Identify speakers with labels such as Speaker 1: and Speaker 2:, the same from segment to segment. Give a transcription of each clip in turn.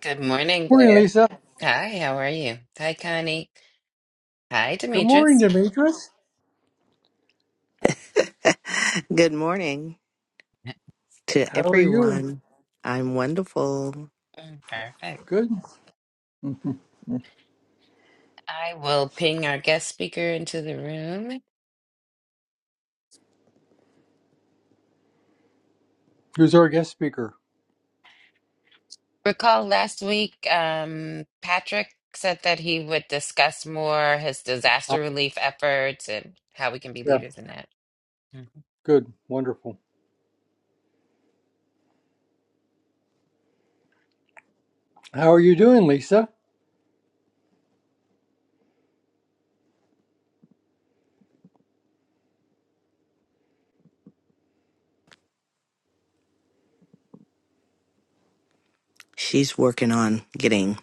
Speaker 1: Good morning,
Speaker 2: Morning,
Speaker 1: Blair.
Speaker 2: Lisa.
Speaker 1: Hi, how are you? Hi, Connie. Hi,
Speaker 2: Good morning,
Speaker 1: Demetrius.
Speaker 2: Demetrius.
Speaker 3: Good morning to
Speaker 2: How are you?
Speaker 3: everyone. I'm wonderful.
Speaker 1: Mm, Perfect.
Speaker 2: Good.
Speaker 1: I will ping our guest speaker into the room.
Speaker 2: Who's our guest speaker?
Speaker 1: Recall last week, um, Patrick said that he would discuss more his
Speaker 2: Uh,
Speaker 1: disaster relief efforts and how we can be
Speaker 2: yeah.
Speaker 1: leaders in that. Mhm.
Speaker 2: Good. Wonderful. How are you doing, Lisa?
Speaker 3: She's working on getting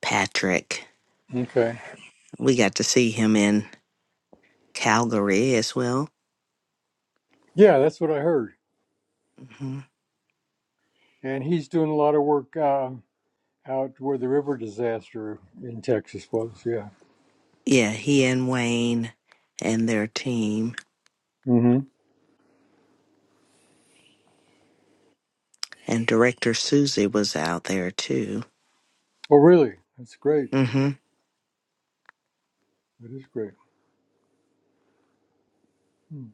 Speaker 3: Patrick.
Speaker 2: Okay.
Speaker 3: We got to see him in Calgary as well.
Speaker 2: Yeah, that's what I heard.
Speaker 3: hmm
Speaker 2: And he's doing a lot of work uh, out where the river disaster in Texas was. Yeah.
Speaker 3: Yeah, he and Wayne and their team
Speaker 2: hmm
Speaker 3: and director Susie was out there too.
Speaker 2: Oh, really? That's great.
Speaker 3: hmm
Speaker 2: That is great. Hmm.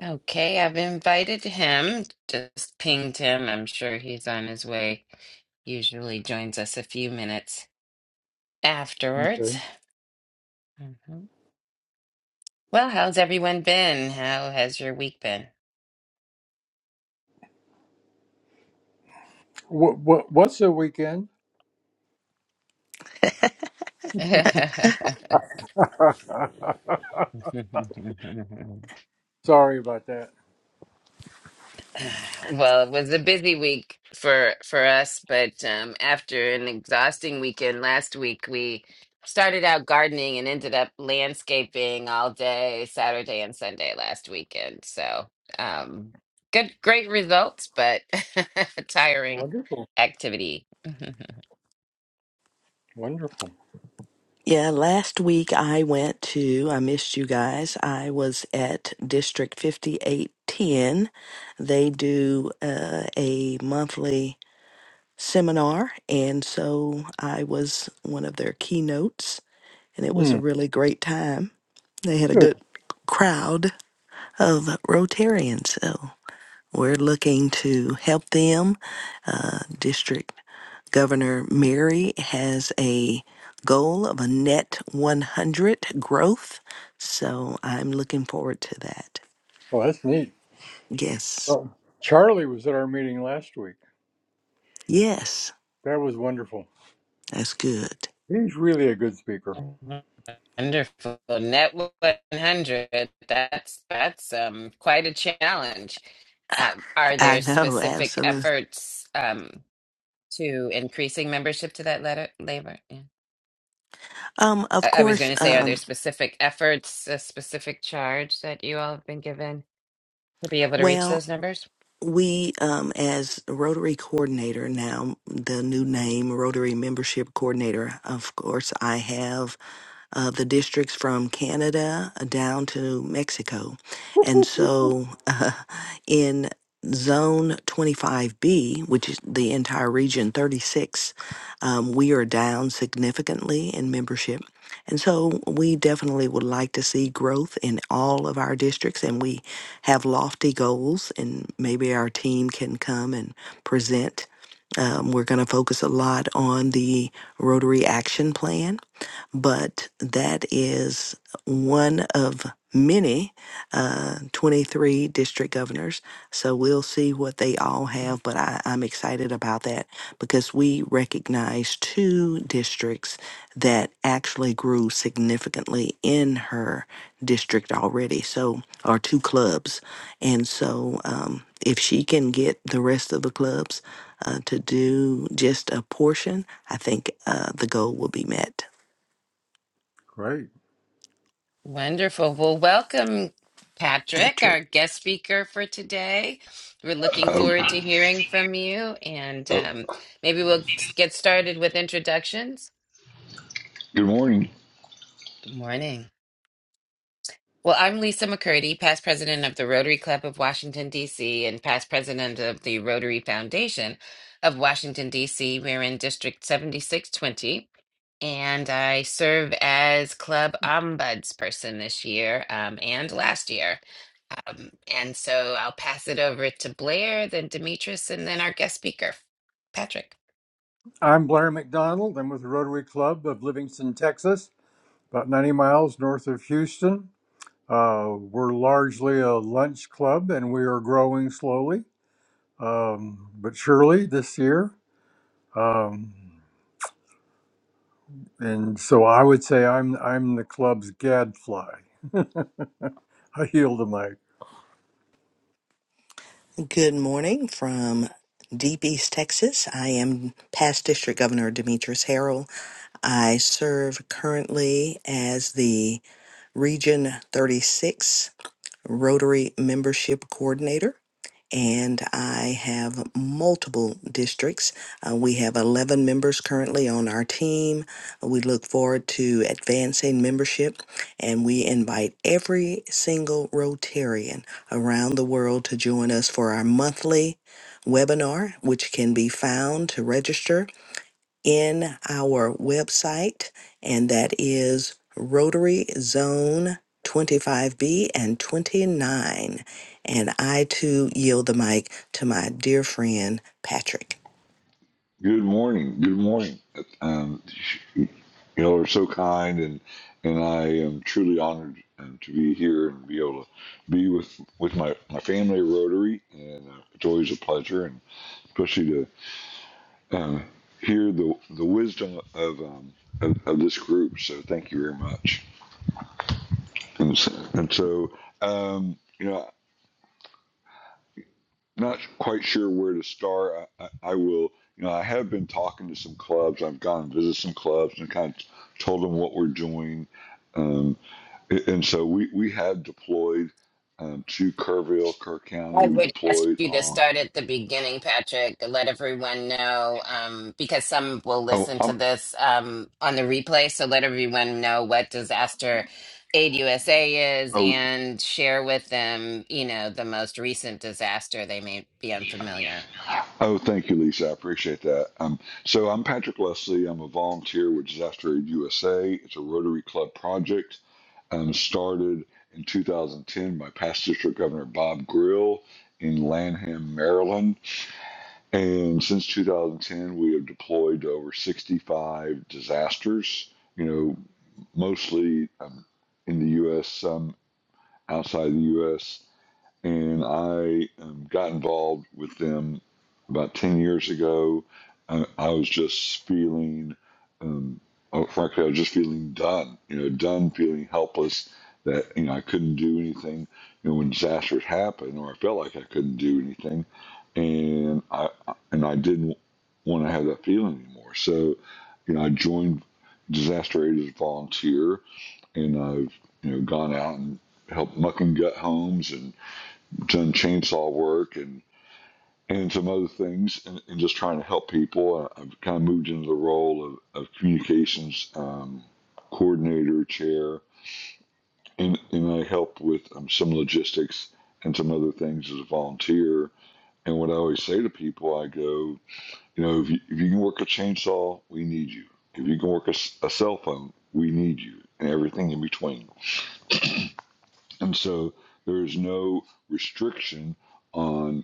Speaker 1: Okay, I've invited him, just pinged him. I'm sure he's on his way. Usually joins us a few minutes afterwards.
Speaker 2: Okay.
Speaker 1: Well, how's everyone been? How has your week been?
Speaker 2: What, what What's the weekend? Sorry about that.
Speaker 1: Well, it was a busy week for for us, but um, after an exhausting weekend last week, we started out gardening and ended up landscaping all day Saturday and Sunday last weekend. So, um, good, great results, but tiring
Speaker 2: Wonderful.
Speaker 1: activity.
Speaker 2: Wonderful.
Speaker 3: Yeah, last week I went to, I missed you guys. I was at District 5810. They do uh, a monthly seminar. And so I was one of their keynotes, and it was a
Speaker 2: Hmm.
Speaker 3: really great time. They had a
Speaker 2: Good.
Speaker 3: good crowd of Rotarians. So we're looking to help them. Uh, District Governor Mary has a goal of a net 100 growth. So I'm looking forward to that.
Speaker 2: Oh, that's neat.
Speaker 3: Yes.
Speaker 2: Well, Charlie was at our meeting last week.
Speaker 3: Yes.
Speaker 2: That was wonderful.
Speaker 3: That's good.
Speaker 2: He's really a good speaker.
Speaker 1: Wonderful. Network 100. That's that's um quite a challenge. Uh, are
Speaker 3: I
Speaker 1: there
Speaker 3: know.
Speaker 1: specific
Speaker 3: Absolutely.
Speaker 1: efforts um to increasing membership to that letter labor? Yeah.
Speaker 3: Um,
Speaker 1: I,
Speaker 3: of
Speaker 1: I was
Speaker 3: course,
Speaker 1: going to say, are there
Speaker 3: um,
Speaker 1: specific efforts, a specific charge that you all have been given to be able to reach
Speaker 3: well.
Speaker 1: those numbers?
Speaker 3: we um as rotary coordinator now the new name rotary membership coordinator of course i have uh, the districts from Canada uh, down to Mexico. And so uh, in Zone 25B, which is the entire region 36, um, we are down significantly in membership. And so we definitely would like to see growth in all of our districts, and we have lofty goals, and maybe our team can come and present. Um, we're going to focus a lot on the Rotary Action Plan but that is one of many uh, 23 district governors. So we'll see what they all have, but I, I'm excited about that because we recognize two districts that actually grew significantly in her district already. So, or two clubs. And so, um, if she can get the rest of the clubs uh, to do just a portion, I think uh, the goal will be met.
Speaker 2: Great.
Speaker 1: Wonderful. Well, welcome, Patrick,
Speaker 3: Patrick.
Speaker 1: our guest speaker for today. We're looking
Speaker 4: Oh,
Speaker 1: forward to hearing from you, and
Speaker 4: oh,
Speaker 1: um, maybe we'll get started with introductions.
Speaker 4: good morning.
Speaker 1: Good morning. Well, I'm Lisa McCurdy, past president of the Rotary Club of Washington, D.C., and past president of the Rotary Foundation of Washington, D.C. We're in District 7620, and I serve as club ombudsperson this year um, and last year. Um, and so I'll pass it over to Blair, then Demetrius, and then our guest speaker, Patrick.
Speaker 2: I'm Blair McDonald. I'm with the Rotary Club of Livingston, Texas, about 90 miles north of Houston. Uh, we're largely a lunch club and we are growing slowly, um, but surely this year. Um, and so I would say I'm, I'm the club's gadfly. I yield the mic.
Speaker 3: Good morning from Deep East Texas. I am past District Governor Demetrius Harrell. I serve currently as the Region 36 Rotary Membership Coordinator. and I have multiple districts. Uh, we have 11 members currently on our team. We look forward to advancing membership, and we invite every single Rotarian around the world to join us for our monthly webinar, which can be found to register in our website, and that is Rotary Zone 25B and 29. And I too yield the mic to my dear friend Patrick.
Speaker 4: Good morning. Good morning. Um, you all are so kind, and and I am truly honored um, to be here and be able to be with with my my family at Rotary, and uh, it's always a pleasure, and especially to um, hear the the wisdom of, um, of of this group. So thank you very much. And so, and so um, you know. not quite sure where to start. I, I, I will, you know, I have been talking to some clubs. I've gone and visited some clubs and kind of told them what we're doing. Um, a- and so we, we have deployed um, to Kerrville, Kerr County.
Speaker 1: I
Speaker 4: We
Speaker 1: would ask
Speaker 4: deployed
Speaker 1: you to start
Speaker 4: on,
Speaker 1: at the beginning, Patrick, let everyone know, um, because some will
Speaker 4: oh,
Speaker 1: listen to
Speaker 4: I'm,
Speaker 1: this um, on the replay. So let everyone know what Disaster Aid USA is
Speaker 4: oh,
Speaker 1: and share with them, you know, the most recent disaster they may be unfamiliar.
Speaker 4: Oh, thank you, Lisa. I appreciate that. Um, so I'm Patrick Leslie. I'm a volunteer with Disaster Aid USA. It's a Rotary Club project um, started in 2010 by past District Governor Bob Grill in Lanham, Maryland. And since 2010, we have deployed to over 65 disasters, you know, mostly um, in the U.S., some outside the U.S and I um, got involved with them about 10 years ago. I, I was just feeling, um, oh, frankly, I was just feeling done, you know, done feeling helpless that, you know, I couldn't do anything, you know, when disasters happen or I felt like I couldn't do anything. And I, and I didn't want to have that feeling anymore. So, you know, I joined Disaster Aid as a volunteer and I've, you know, gone out and helped muck and gut homes and done chainsaw work and and some other things and, and just trying to help people. I- have kind of moved into the role of, of communications um, coordinator, chair, and, and I help with um, some logistics and some other things as a volunteer. And what I always say to people, I go, you know, if you, if you can work a chainsaw, we need you. If you can work a a cell phone, we need you, and everything in between. And so there is no restriction on.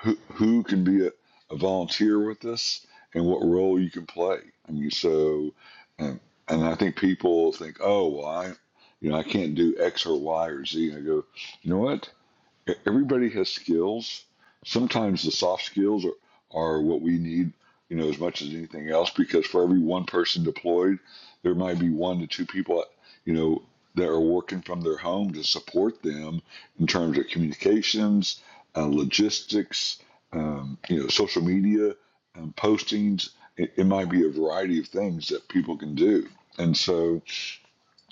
Speaker 4: who who can be a, a volunteer with us and what role you can play. I mean, so and and I think people think, oh, well, I you know I can't do X or Y or Z. And I go, you know what? E- Everybody has skills. Sometimes the soft skills are, are what we need, you know, as much as anything else, because for every one person deployed, there might be one to two people, you know, that are working from their home to support them in terms of communications, uh, logistics, um, you know, social media, um, postings. It, it might be a variety of things that people can do. And so,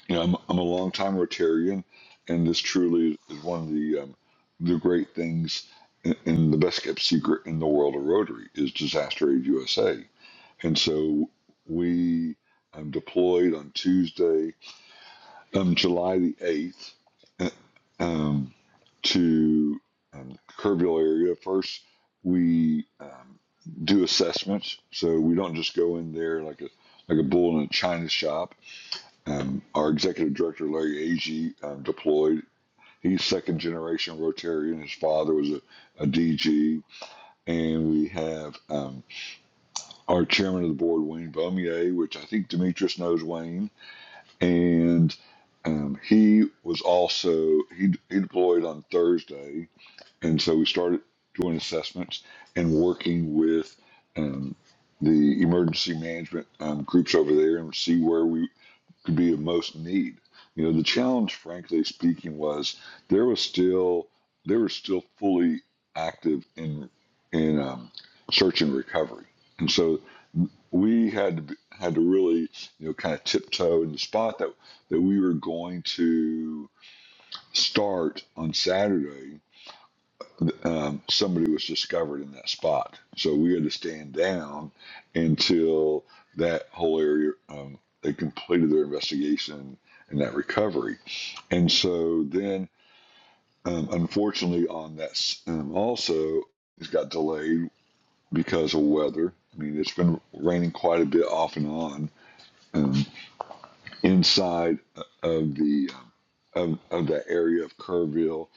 Speaker 4: you know, I'm, I'm a long time Rotarian, and this truly is one of the um, the great things and, and the best kept secret in the world of Rotary is Disaster Aid USA. And so we um, deployed on Tuesday, um, July the 8th, uh, um, to um, Kerrville area. First, we um, do assessments, so we don't just go in there like a like a bull in a china shop um, our executive director, Larry Agee, um, deployed. He's second generation Rotarian. His father was a, DG. And we have um, our chairman of the board, Wayne Beaumier, which I think Demetrius knows Wayne. And um, he was also, he, he deployed on Thursday. And so we started doing assessments and working with um, the emergency management um, groups over there and see where we could be of most need. You know, the challenge, frankly speaking, was there was still they were still fully active in in um, search and recovery, and so we had to be, had to really you know kind of tiptoe in the spot that that we were going to start on Saturday um, somebody was discovered in that spot. So we had to stand down until that whole area um, they completed their investigation and that recovery. And so then, um, unfortunately, on that um, also it has got delayed because of weather. I mean, it's been raining quite a bit off and on. um, inside of the um, of, of the area of Kerrville,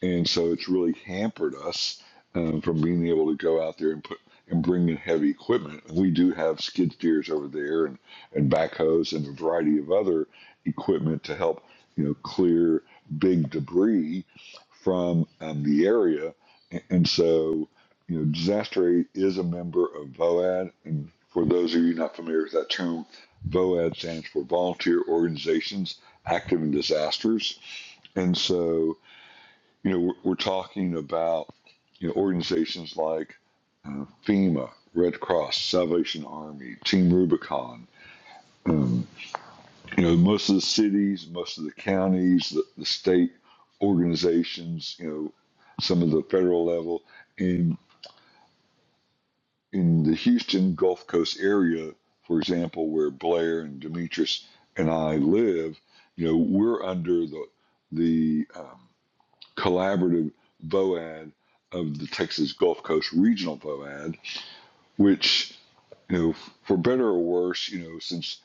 Speaker 4: and so it's really hampered us um, from being able to go out there and put and bring in heavy equipment. We do have skid steers over there and and backhoes and a variety of other equipment to help you know clear big debris from um, the area, and, and so. You know, disaster aid is a member of VOAD, and for those of you not familiar with that term, VOAD stands for Volunteer Organizations Active in Disasters. And so, you know, we're, we're talking about you know, organizations like uh, FEMA, Red Cross, Salvation Army, Team Rubicon. Um, you know, most of the cities, most of the counties, the, the state organizations. You know, some of the federal level. and. in the Houston Gulf Coast area, for example, where Blair and Demetrius and I live, you know, we're under the the um, collaborative VOAD of the Texas Gulf Coast Regional VOAD, which you know, for better or worse, you know, since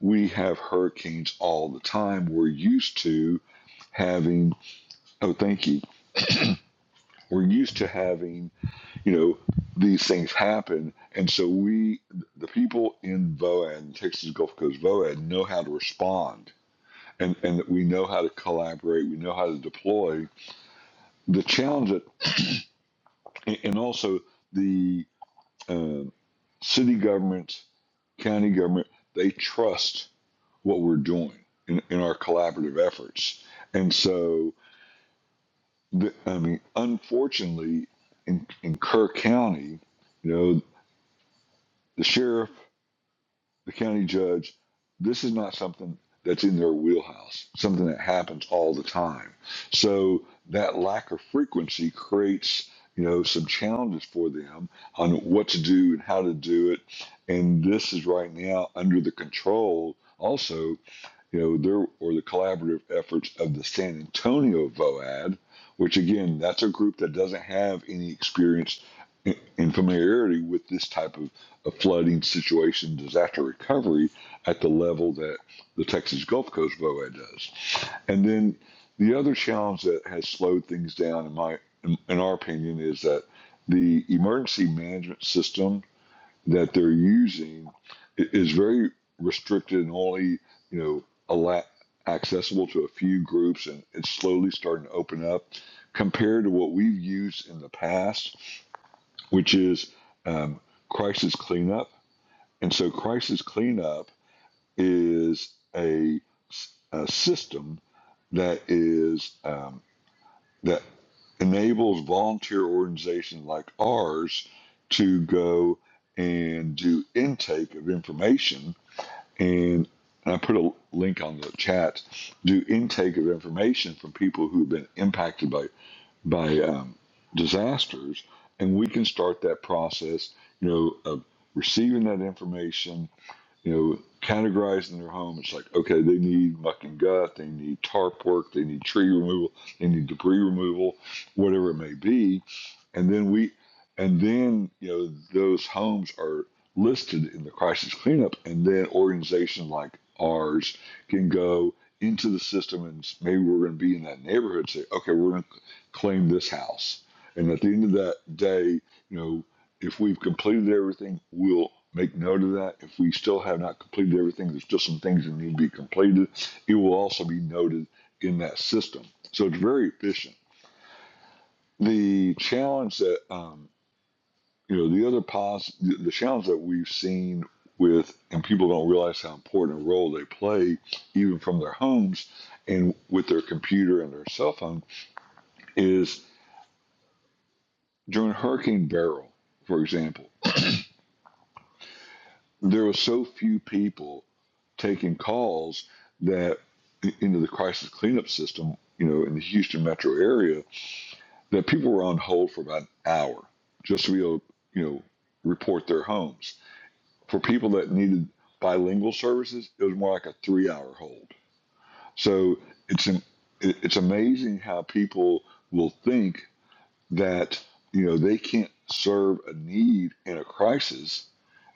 Speaker 4: we have hurricanes all the time, we're used to having. Oh, thank you. We're used to having you know, these things happen. And so we, the people in VOAD, Texas Gulf Coast VOAD, know how to respond. And, and we know how to collaborate. We know how to deploy. The challenge, that, and also the um city government, county government, they trust what we're doing in, in our collaborative efforts. And so, the, I mean, unfortunately, in, in Kerr County, you know, the sheriff the county judge, this is not something that's in their wheelhouse, something that happens all the time. So that lack of frequency creates, you know, some challenges for them on what to do and how to do it. And this is right now under the control also you know, there or the collaborative efforts of the San Antonio VOAD, which again, that's a group that doesn't have any experience and familiarity with this type of, of flooding situation, disaster recovery at the level that the Texas Gulf Coast VOAD does. And then the other challenge that has slowed things down, in my in, in our opinion, is that the emergency management system that they're using is very restricted and only you know alla- accessible to a few groups, and it's slowly starting to open up compared to what we've used in the past, which is um, crisis cleanup. And so, crisis cleanup is a a system that is um, that enables volunteer organizations like ours to go and do intake of information and and I put a link on the chat. Do intake of information from people who have been impacted by by um, disasters, and we can start that process. You know, of receiving that information, you know, categorizing their home. It's like, okay, they need muck and gut, they need tarp work, they need tree removal, they need debris removal, whatever it may be. And then we, and then, you know, those homes are listed in the crisis cleanup. And then organizations like ours can go into the system and maybe we're going to be in that neighborhood, say, okay, we're going to claim this house. And at the end of that day, you know, if we've completed everything, we'll make note of that. If we still have not completed everything, there's still some things that need to be completed. It will also be noted in that system. So it's very efficient. The challenge that um, you know, the other pos, the challenge that we've seen with, and people don't realize how important a role they play, even from their homes and with their computer and their cell phone, is during Hurricane Beryl, for example, there were so few people taking calls that into the crisis cleanup system, you know, in the Houston metro area, that people were on hold for about an hour just to be able, you know, report their homes. For people that needed bilingual services, it was more like a three-hour hold. So it's an, it- it's amazing how people will think that you know they can't serve a need in a crisis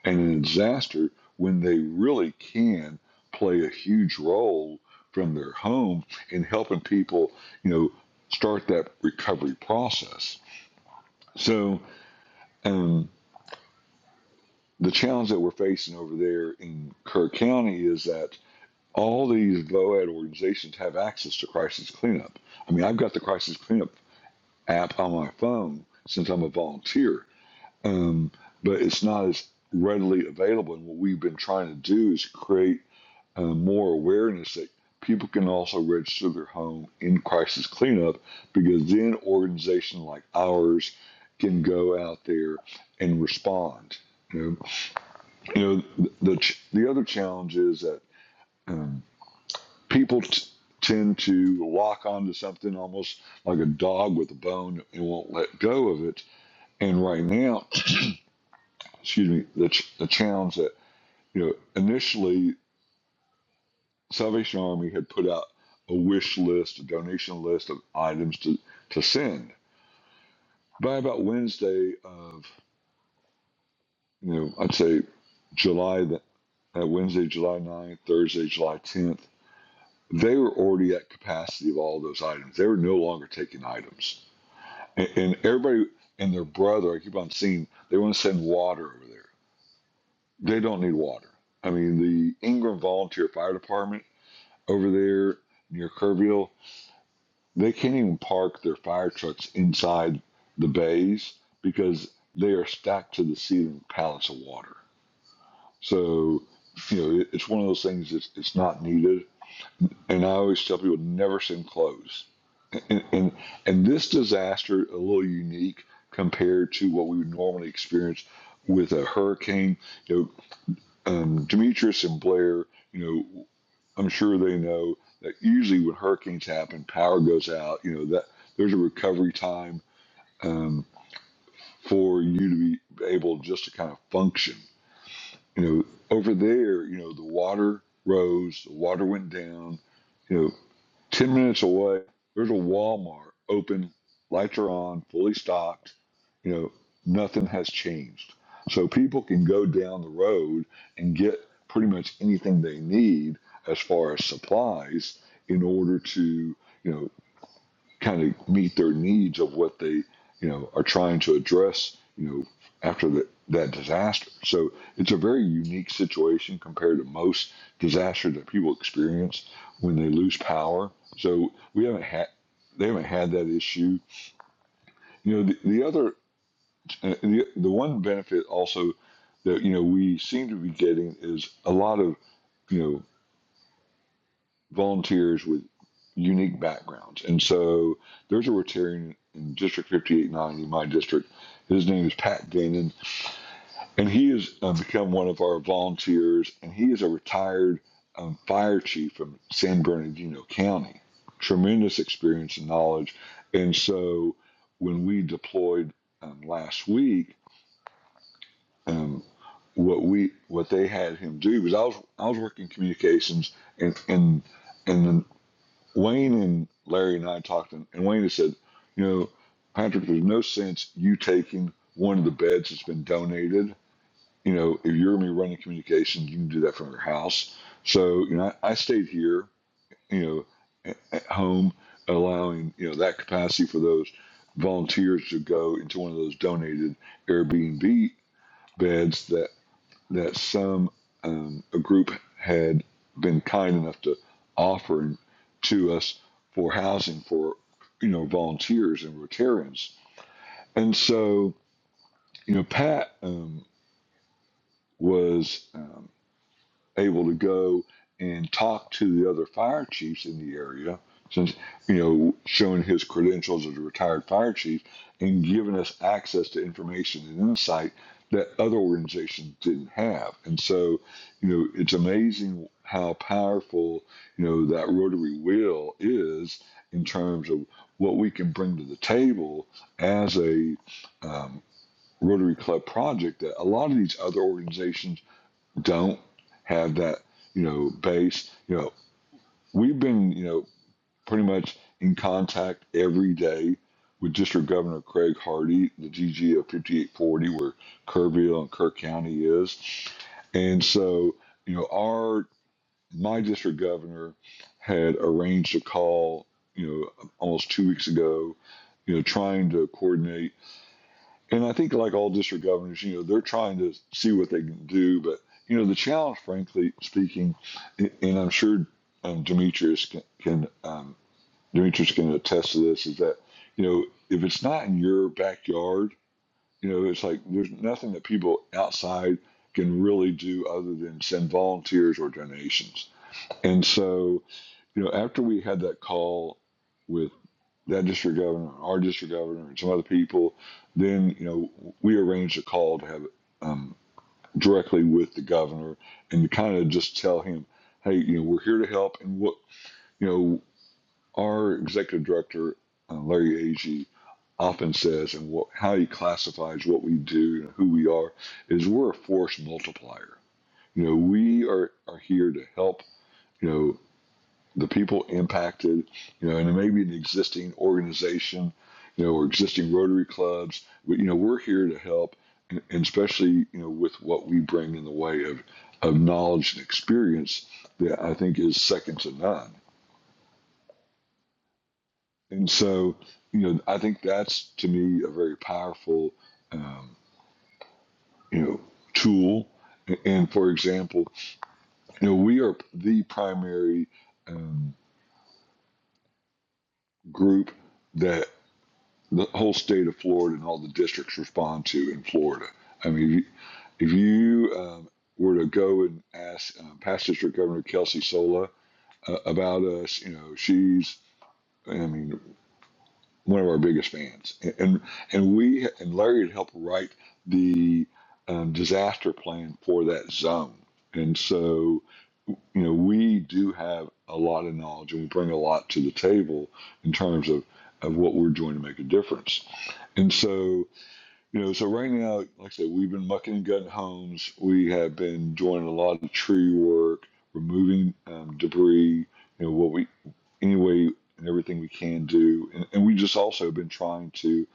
Speaker 4: and in disaster when they really can play a huge role from their home in helping people, you know, start that recovery process. So um, the challenge that we're facing over there in Kerr County is that all these VOAD organizations have access to crisis cleanup. I mean, I've got the crisis cleanup app on my phone since I'm a volunteer, um, but it's not as readily available. And what we've been trying to do is create uh, more awareness that people can also register their home in crisis cleanup because then organizations like ours can go out there and respond. You know, you know the, the the other challenge is that um, people t- tend to lock onto something almost like a dog with a bone and won't let go of it. And right now, excuse me, the, ch- the challenge that you know initially. Salvation Army had put out a wish list, a donation list of items to, to send. By about Wednesday of, you know, I'd say July, that uh, Wednesday, July ninth, Thursday, July 10th, they were already at capacity of all those items. They were no longer taking items. And, and everybody and their brother, I keep on seeing, they want to send water over there. They don't need water. I mean, the Ingram Volunteer Fire Department over there near Kerrville. They can't even park their fire trucks inside the bays because they are stacked to the ceiling pallets of water. So, you know, it, it's one of those things that's it's not needed. And I always tell people never send clothes. And, and, and this disaster, a little unique compared to what we would normally experience with a hurricane. You know, um, Demetrius and Blair, you know, I'm sure they know that usually when hurricanes happen, power goes out, you know, that there's a recovery time um, for you to be able just to kind of function. You know, over there, you know, the water rose, the water went down. You know, 10 minutes away, there's a Walmart open, lights are on, fully stocked. You know, nothing has changed. So people can go down the road and get pretty much anything they need as far as supplies in order to, you know, kind of meet their needs of what they you know are trying to address you know after the, that disaster so it's a very unique situation compared to most disasters that people experience when they lose power so we haven't had they haven't had that issue you know the, the other uh, the, the one benefit also that you know we seem to be getting is a lot of you know volunteers with unique backgrounds. And so there's a Rotarian in District 5890, my district. His name is Pat Gainan, and he has uh, become one of our volunteers, and he is a retired um, fire chief from San Bernardino County. Tremendous experience and knowledge. And so when we deployed um, last week, um, what we what they had him do was I was I was working communications and and and Wayne and Larry and I talked, and, and Wayne has said, you know, Patrick, there's no sense you taking one of the beds that's been donated. You know, if you're going to be running communications, you can do that from your house. So, you know, I, I stayed here, you know, at, at home, allowing, you know, that capacity for those volunteers to go into one of those donated Airbnb beds that that some um, a group had been kind enough to offer to us for housing for you know volunteers and Rotarians, and so you know Pat um, was. um, able to go and talk to the other fire chiefs in the area, since you know, showing his credentials as a retired fire chief and giving us access to information and insight that other organizations didn't have. And so, you know, it's amazing how powerful, you know, that rotary wheel is in terms of what we can bring to the table as a um, Rotary Club project that a lot of these other organizations don't have that, you know, base. You know, we've been, you know, pretty much in contact every day with District Governor Craig Hardy, the GG of 5840, where Kerrville and Kerr County is. And so, you know, our my district governor had arranged a call, you know, almost two weeks ago, you know, trying to coordinate and I think, like all district governors, you know, they're trying to see what they can do. But, you know, the challenge, frankly speaking, and I'm sure um, Demetrius can, can um, Demetrius can attest to this, is that, you know, if it's not in your backyard, you know, it's like there's nothing that people outside can really do other than send volunteers or donations. And so, you know, after we had that call with that district governor, our district governor, and some other people. Then you know we arranged a call to have um, directly with the governor and to kind of just tell him, hey, you know we're here to help, and what you know our executive director uh, Larry Agee often says, and what how he classifies what we do and who we are is we're a force multiplier. You know we are are here to help. You know the people impacted, you know, and maybe an existing organization, you know, or existing Rotary clubs. But you know, we're here to help, and, especially you know with what we bring in the way of of knowledge and experience that I think is second to none. And so, you know, I think that's to me a very powerful, um, you know, tool. And for example, you know, we are the primary um, group that the whole state of Florida and all the districts respond to in Florida. I mean, if you, um, were to go and ask um, past district governor Kelsey Sola uh, about us, you know, she's, I mean, one of our biggest fans. And and, and we and Larry had helped write the um, disaster plan for that zone. And so, you know, we do have a lot of knowledge and we bring a lot to the table in terms of, of what we're doing to make a difference. And so, you know, so right now, like I said, we've been mucking and gutting homes. We have been doing a lot of tree work, removing um, debris, you know, what we, any way and everything we can do. And, and we just also been trying to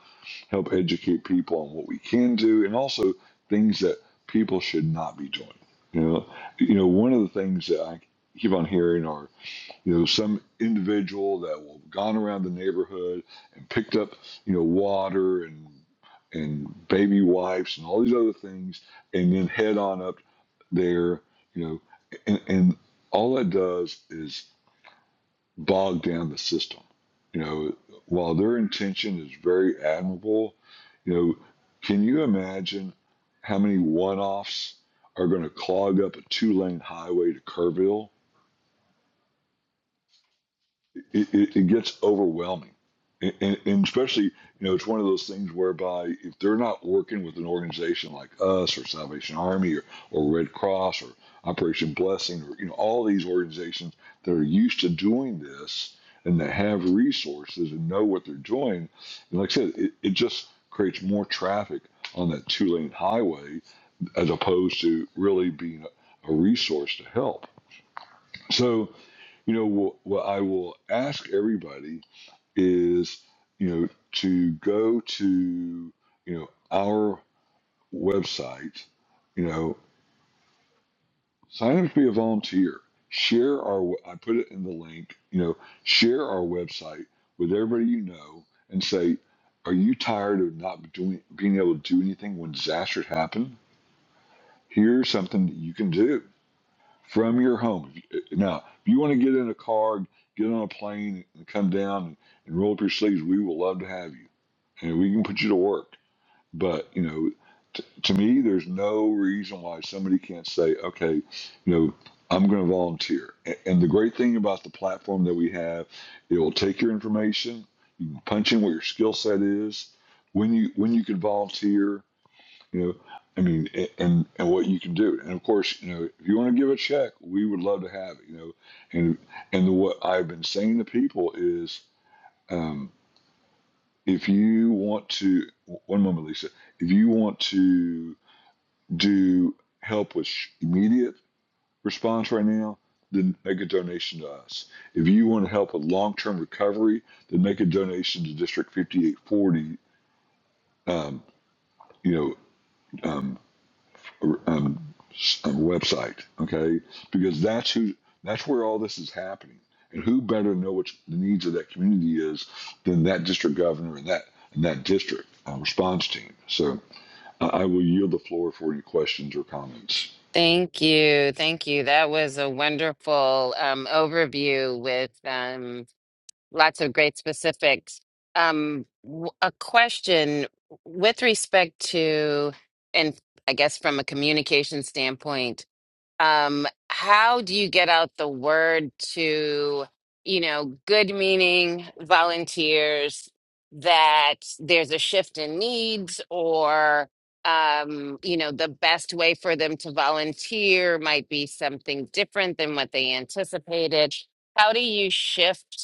Speaker 4: help educate people on what we can do and also things that people should not be doing. You know, you know, one of the things that I keep on hearing are you know, some individual that will gone around the neighborhood and picked up, you know, water and and baby wipes and all these other things, and then head on up there, you know, and, and all that does is bog down the system. You know, while their intention is very admirable, you know, can you imagine how many one offs are going to clog up a two lane highway to Kerrville? it, it, it gets overwhelming. And, and and especially, you know, it's one of those things whereby if they're not working with an organization like us or Salvation Army or, or Red Cross or Operation Blessing or, you know, all these organizations that are used to doing this and that have resources and know what they're doing, and like I said, it, it just creates more traffic on that two lane highway as opposed to really being a, a resource to help. So, you know, what, what I will ask everybody is you know to go to you know our website you know sign up to be a volunteer share our i put it in the link you know share our website with everybody you know and say are you tired of not doing being able to do anything when disasters happen here's something that you can do from your home now if you want to get in a car get on a plane and come down and roll up your sleeves we will love to have you and we can put you to work But you know, t- to me, there's no reason why somebody can't say, okay, you know, I'm going to volunteer. A- And the great thing about the platform that we have, it will take your information. You can punch in what your skill set is, when you when you can volunteer. You know, I mean, a- and and what you can do. And of course, you know, if you want to give a check, we would love to have it. You know, and and what I've been saying to people is. um, if you want to one moment lisa if you want to do help with immediate response right now then make a donation to us if you want to help with long-term recovery then make a donation to district 5840 um, you know um, um, um, website okay because that's who that's where all this is happening and who better to know what the needs of that community is than that district governor and that and that district uh, response team so I I will yield the floor for any questions or comments.
Speaker 1: Thank you. Thank you. That was a wonderful um, overview with. um, Lots of great specifics. Um, w- a question with respect to, and I guess from a communication standpoint, um, how do you get out the word to, you know, good meaning volunteers that there's a shift in needs or um, you know, the best way for them to volunteer might be something different than what they anticipated. How do you shift?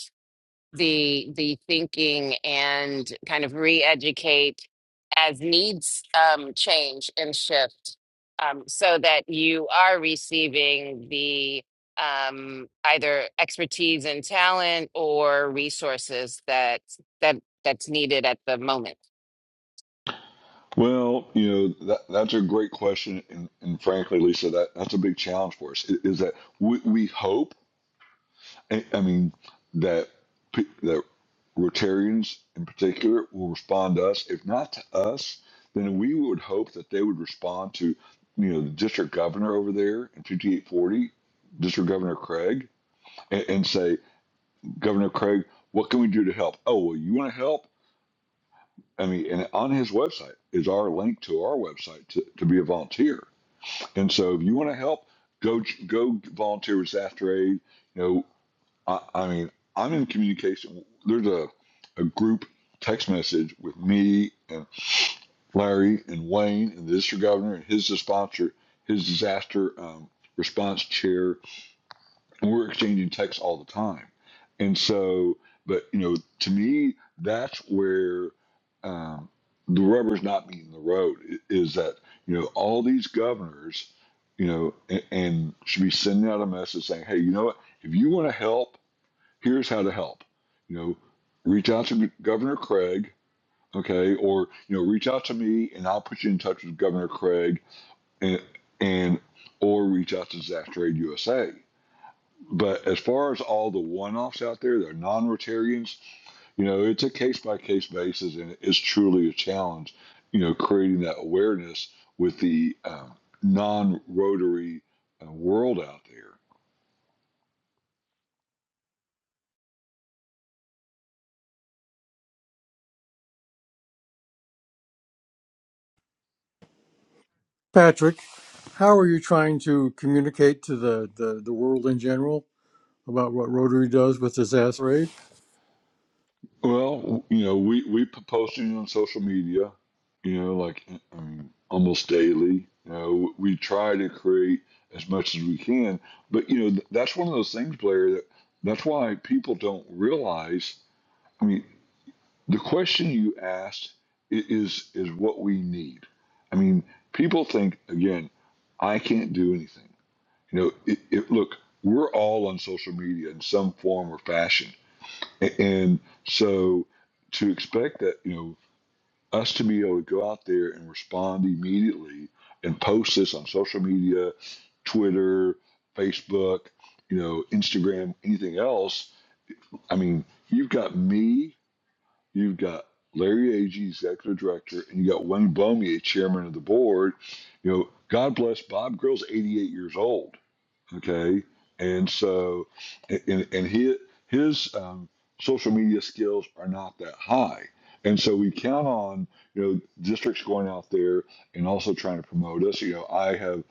Speaker 1: the the thinking and kind of re-educate as needs um, change and shift um, so that you are receiving the um, either expertise and talent or resources that that that's needed at the moment.
Speaker 4: Well, you know that that's a great question, and, and frankly, Lisa, that that's a big challenge for us. i- Is that we, we hope, I I mean, that pe- that Rotarians in particular will respond to us. If not to us, then we would hope that they would respond to, you know, the district governor over there in 5840, District Governor Craig, and, and say, Governor Craig, what can we do to help? Oh, well, you want to help? I mean, and on his website is our link to our website to, to be a volunteer. And so if you want to help, go go volunteer with Disaster Aid. You know, I, I mean, I'm in communication. There's a, a group text message with me and Larry and Wayne and the district governor and his sponsor, his disaster um, response chair we're exchanging texts all the time. And so, but you know, to me, that's where um, the rubber's not meeting the road. i- Is that you know all these governors, you know, and, and should be sending out a message saying, hey, you know what? If you want to help, here's how to help. You know, reach out to Governor Craig, okay, or you know, reach out to me, and I'll put you in touch with Governor Craig, and and or reach out to Disaster Aid USA but as far as all the one-offs out there, they're non-Rotarians. You know, it's a case-by-case basis, and it is truly a challenge. You know, creating that awareness with the um, non-Rotary uh, world out there.
Speaker 2: Patrick, how are you trying to communicate to the, the, the world in general? about what Rotary does with disaster aid.
Speaker 4: Well, you know, we we p- posting on social media. You know, like I almost daily. You know, we try to create as much as we can. But you know, th- that's one of those things, Blair. That that's why people don't realize. I mean. the question you asked i- is is what we need. I mean, people think again, I can't do anything. You know, it, it, look, we're all on social media in some form or fashion, A- and so to expect that you know us to be able to go out there and respond immediately and post this on social media, Twitter, Facebook, you know, Instagram, anything else. I mean, you've got me You've got Larry Agee, executive director, and you got Wayne Blomier, chairman of the board. You know, God bless Bob Grill's 88 years old. Okay, and so, and and his his um, social media skills are not that high, and so we count on you know districts going out there and also trying to promote us. You know, I have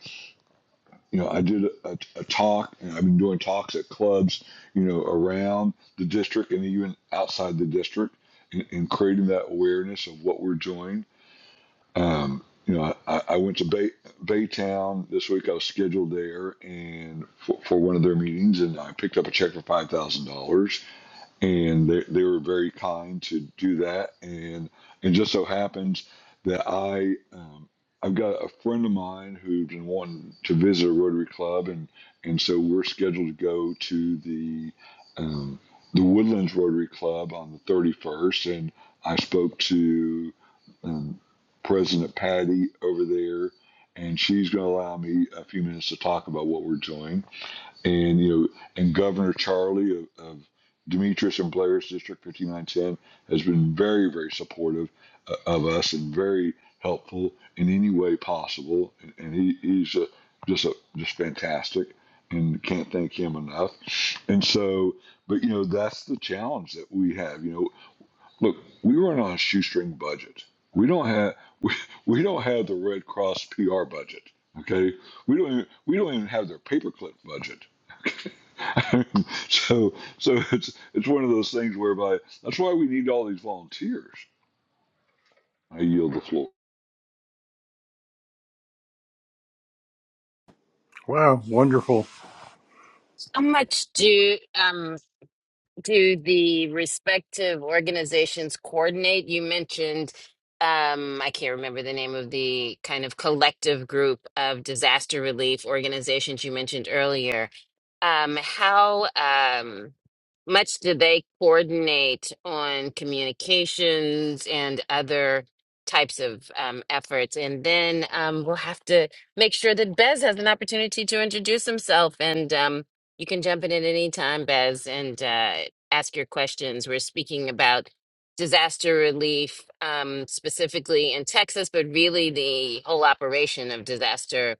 Speaker 4: you know, I did a, a, a talk, and I've been doing talks at clubs, you know, around the district and even outside the district, and, and creating that awareness of what we're doing. Um, you know, I, I went to Bay Baytown this week. I was scheduled there and for, for one of their meetings, and I picked up a check for five thousand dollars and they, they were very kind to do that and it just so happens that i um, i've got a friend of mine who's been wanting to visit a rotary club and and so we're scheduled to go to the um, the woodlands rotary club on the 31st and i spoke to um, president patty over there and she's going to allow me a few minutes to talk about what we're doing and you know, and Governor Charlie of, of Demetrius and Blair's District 5910 has been very, very supportive uh, of us and very helpful in any way possible. And, and he, he's uh just a, just fantastic, and can't thank him enough. And so, but you know, that's the challenge that we have. You know, look, we run on a shoestring budget. We don't have we, we don't have the Red Cross PR budget. Okay, we don't even, we don't even have their paperclip budget so so it's it's one of those things whereby that's why we need all these volunteers. I yield the floor.
Speaker 2: Wow, wonderful.
Speaker 1: How much do um, do the respective organizations coordinate? You mentioned, um, I can't remember the name of the kind of collective group of disaster relief organizations you mentioned earlier. Um, how um, much do they coordinate on communications and other types of um, efforts? And then um, we'll have to make sure that Bez has an opportunity to introduce himself and um, you can jump in at any time, Bez, and uh, ask your questions. We're speaking about disaster relief, um, specifically in Texas, but really the whole operation of disaster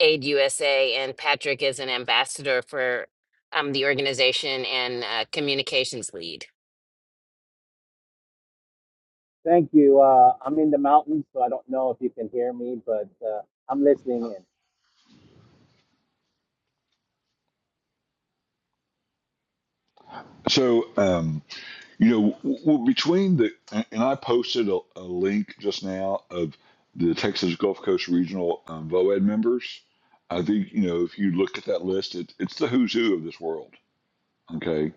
Speaker 1: aid USA. And Patrick is an ambassador for um, the organization and uh, communications lead.
Speaker 5: Thank you. Uh, I'm in the mountains, so I don't know if you can hear me, but uh, I'm listening in.
Speaker 4: So um, you know, w- w- between the and and I posted a, a link just now of the Texas Gulf Coast Regional um, VOED members. I think you know if you look at that list, it, it's the who's who of this world. Okay,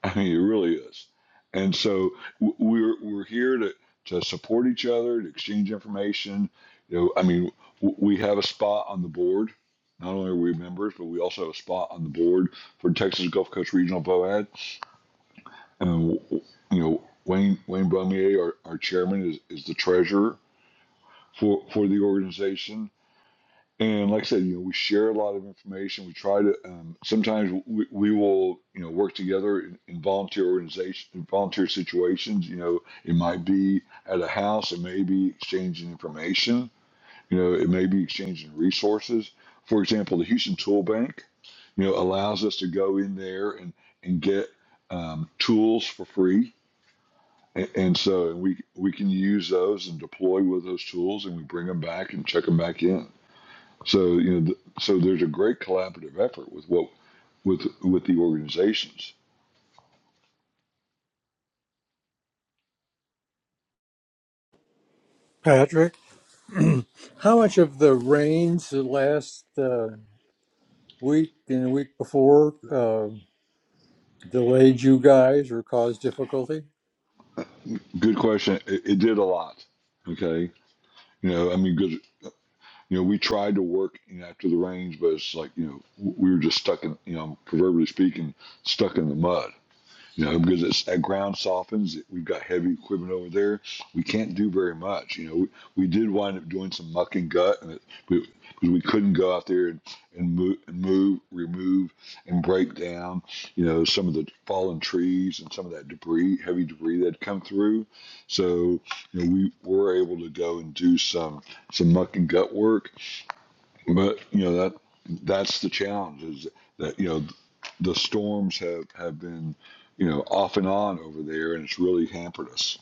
Speaker 4: I mean, it really is. And so w- we're we're here to to support each other, to exchange information. You know, I mean, w- we have a spot on the board. Not only are we members, but we also have a spot on the board for Texas Gulf Coast Regional Boad. And w- w- you know, Wayne Wayne Bumier, our, our chairman, is, is the treasurer for for the organization and like I said, you know, we share a lot of information. We try to um, sometimes we, we will, you know, work together in, in volunteer organization, in volunteer situations. You know, it might be at a house, it may be exchanging information. You know, it may be exchanging resources. For example, the Houston Tool Bank, you know, allows us to go in there and and get um, tools for free. And, and so we we can use those and deploy with those tools, and we bring them back and check them back in so you know, th- so there's a great collaborative effort with what with with the organizations.
Speaker 2: Patrick, how much of the rains the last uh, week and the week before uh, delayed you guys or caused difficulty?
Speaker 4: Good question. It, it did a lot. Okay, you know, I mean, because you know, we tried to work you know, after the range, but it's like you know, we were just stuck in you know, proverbially speaking, stuck in the mud. You know, because it's, that ground softens. We've got heavy equipment over there. We can't do very much. You know, we, we did wind up doing some muck and gut, and it, we, because we couldn't go out there and, and move, and move, remove, and break down. You know, some of the fallen trees and some of that debris, heavy debris that had come through. So, you know, we were able to go and do some some muck and gut work, but you know that that's the challenge is that you know the storms have have been you know off and on over there, and it's really hampered us.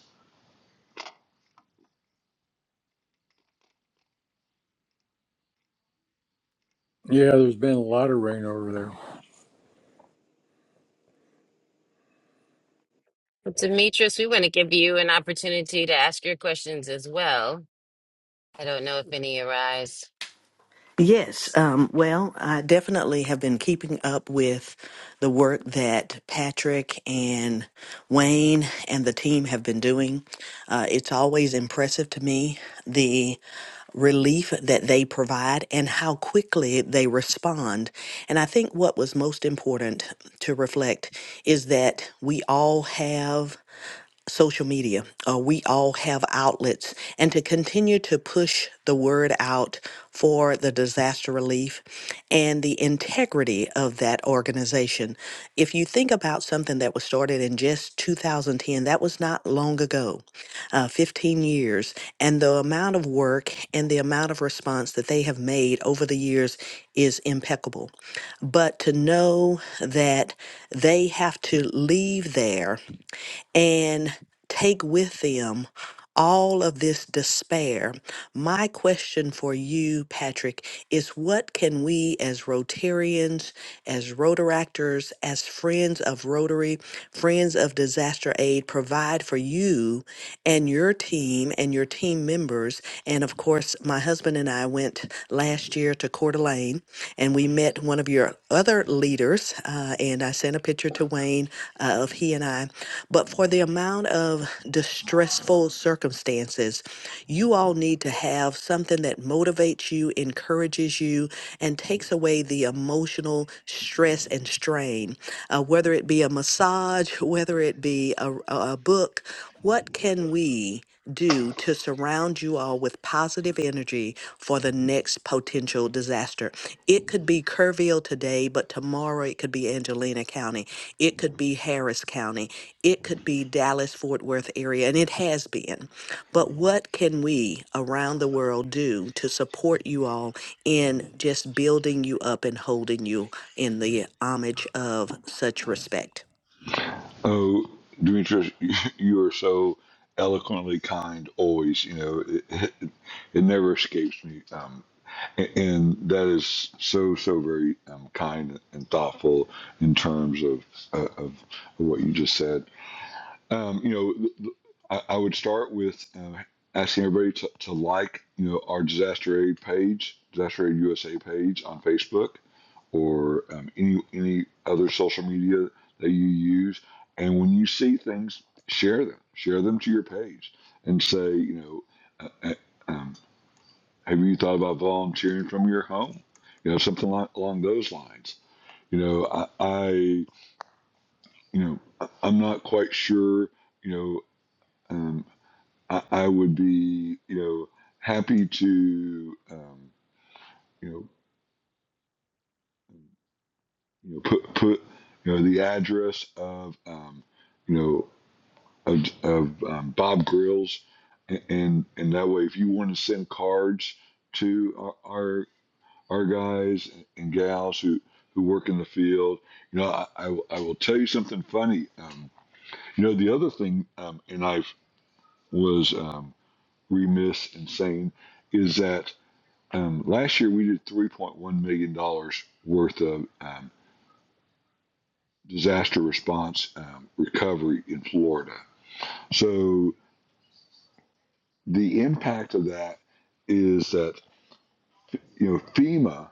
Speaker 2: Yeah, there's been a lot of rain over there.
Speaker 1: Demetrius, we want to give you an opportunity to ask your questions as well. I don't know if any arise.
Speaker 3: Yes, um, well, I definitely have been keeping up with the work that Patrick and Wayne and the team have been doing. Uh, it's always impressive to me relief that they provide and how quickly they respond. And I think what was most important to reflect is that we all have social media. Uh, we all have outlets, and to continue to push the word out for the disaster relief and the integrity of that organization. If you think about something that was started in just 2010, that was not long ago, uh, 15 years, and the amount of work and the amount of response that they have made over the years is impeccable. But to know that they have to leave there and take with them all of this despair. My question for you, Patrick, is what can we as Rotarians, as Rotaractors, as friends of Rotary, friends of disaster aid provide for you and your team and your team members? And of course, my husband and I went last year to Coeur d'Alene and we met met one of your other leaders, uh, and I sent a picture to Wayne uh, of he and I. But for the amount of distressful circumstances, you all need to have something that motivates you, encourages you, and takes away the emotional stress and strain, uh, whether it be a massage, whether it be a, a a book. What can we do to surround you all with positive energy for the next potential disaster? It could be Kerrville today, but tomorrow it could be Angelina County. It could be Harris County. It could be Dallas Fort Worth area, and it has been. But what can we around the world do to support you all in just building you up and holding you in the homage of such respect?
Speaker 4: Oh, Demetrius, you are so eloquently kind always. You know it it, it never escapes me, um, and that is so so very um, kind and thoughtful in terms of uh, of, of what you just said. Um, you know, th- th- I, I would start with uh, asking everybody to, to like, you know, our disaster aid page, disaster aid USA page on Facebook, or um, any any other social media that you use. And when you see things, share them. Share them to your page and say, you know, uh, uh, um, have you thought about volunteering from your home? You know, something like, along those lines. You know, I, I you know, I- I'm not quite sure. You know. Um, I, I would be, you know, happy to, um, you know, you know, put put, you know, the address of, um, you know, of, of um, Bob Grills, and, and and that way, if you want to send cards to our our, our guys and gals who who work in the field, you know, I, I, will- I will tell you something funny. Um, you know, the other thing, um, and I was um, remiss in saying, is that Um, last year, we did $3.1 million dollars worth of um, disaster response um, recovery in Florida. So the impact of that is that, you know, FEMA,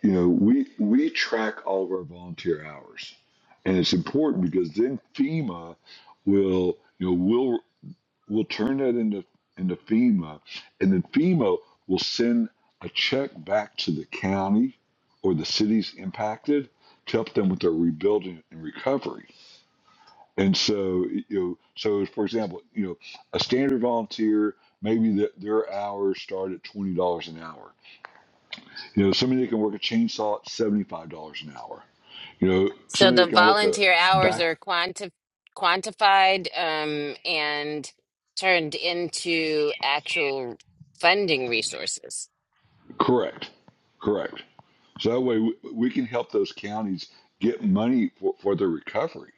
Speaker 4: you know, we, we track all of our volunteer hours. And it's important because then FEMA will, you know, will We'll turn that into into FEMA, and then FEMA will send a check back to the county or the cities impacted to help them with their rebuilding and recovery. And so, you know, so for example, you know, a standard volunteer maybe the, their hours start at twenty dollars an hour. You know, somebody that can work a chainsaw at seventy five dollars an hour. You know,
Speaker 1: So
Speaker 4: somebody
Speaker 1: the
Speaker 4: that can work a,
Speaker 1: volunteer
Speaker 4: a
Speaker 1: hours are
Speaker 4: back
Speaker 1: quanti- quantified um, and turned into actual funding resources.
Speaker 4: correct, correct So that way we, we can help those counties get money for, for their recovery.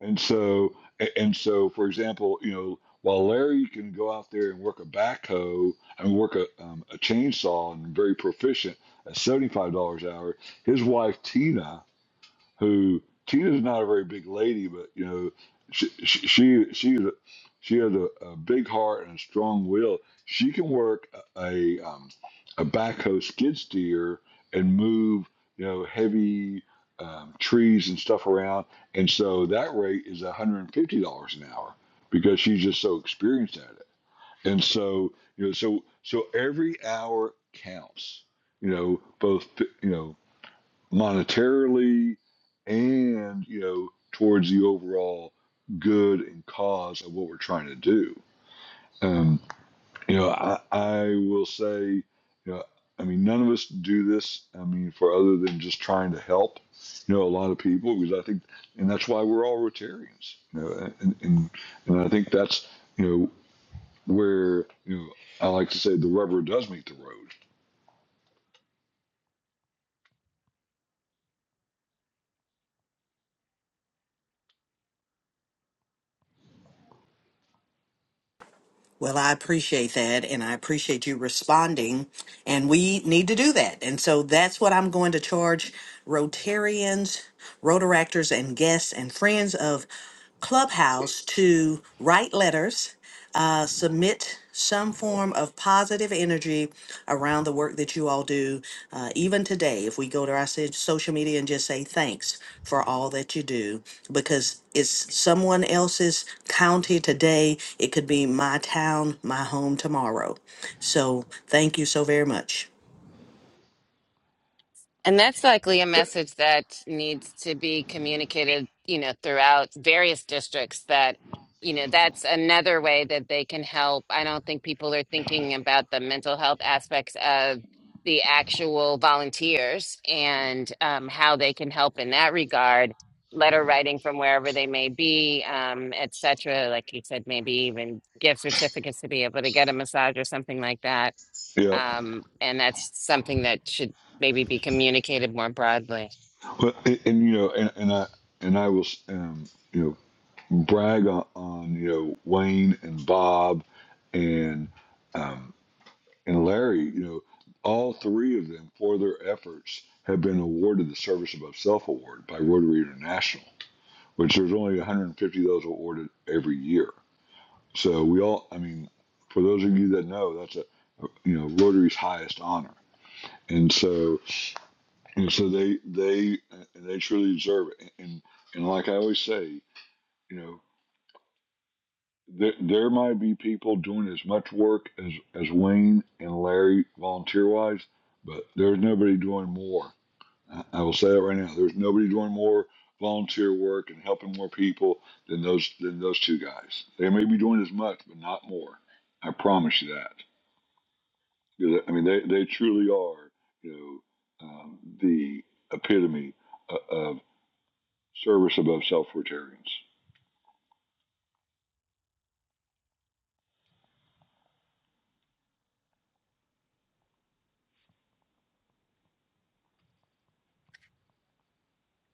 Speaker 4: And so, and so, for example, you know, while Larry can go out there and work a backhoe and work a, um, a chainsaw and very proficient at $75 an hour, his wife, Tina, who Tina's not a very big lady, but you know, she she she she, she has a, a big heart and a strong will. She can work a a, um, a backhoe skid steer and move you know heavy um, trees and stuff around, and so that rate is one hundred and fifty dollars an hour because she's just so experienced at it. And so you know, so so every hour counts. You know, both you know monetarily and you know towards the overall good and cause of what we're trying to do um, you know I, I will say you know i mean none of us do this i mean for other than just trying to help you know a lot of people because i think and that's why we're all rotarians you know and and, and i think that's you know where you know i like to say the rubber does meet the road
Speaker 3: Well, I appreciate that, and I appreciate you responding. And we need to do that. And so that's what I'm going to charge Rotarians, Rotaractors, and guests and friends of Clubhouse to write letters, uh, submit some form of positive energy around the work that you all do. Uh, even today, if we go to our so- social media and just say thanks for all that you do, because it's someone else's county today, it could be my town, my home tomorrow. So thank you so very much.
Speaker 1: And that's likely a message that needs to be communicated, you know, throughout various districts that, you know, that's another way that they can help. I don't think people are thinking about the mental health aspects of the actual volunteers and um, how they can help in that regard. Letter writing from wherever they may be, um, et cetera. Like you said, maybe even gift certificates to be able to get a massage or something like that
Speaker 4: yeah
Speaker 1: um, and that's something that should maybe be communicated more broadly.
Speaker 4: well, and, and you know and, and i and i will um, you know brag on, on you know Wayne and Bob and um, and Larry. You know, all three of them for their efforts have been awarded the Service Above Self Award by Rotary International, which there's only 150 of those awarded every year. So we all, I mean, for those of you that know, that's a you know Rotary's highest honor, and so and so they they they truly deserve it. And and like I always say. You know, There, there might be people doing as much work as, as Wayne and Larry volunteer wise, but there's nobody doing more. I, I will say that right now. There's nobody doing more volunteer work and helping more people than those than those two guys. They may be doing as much, but not more. I promise you that. Because, I mean, they, they truly are, you know, um, the epitome of, of service above self-libertarians.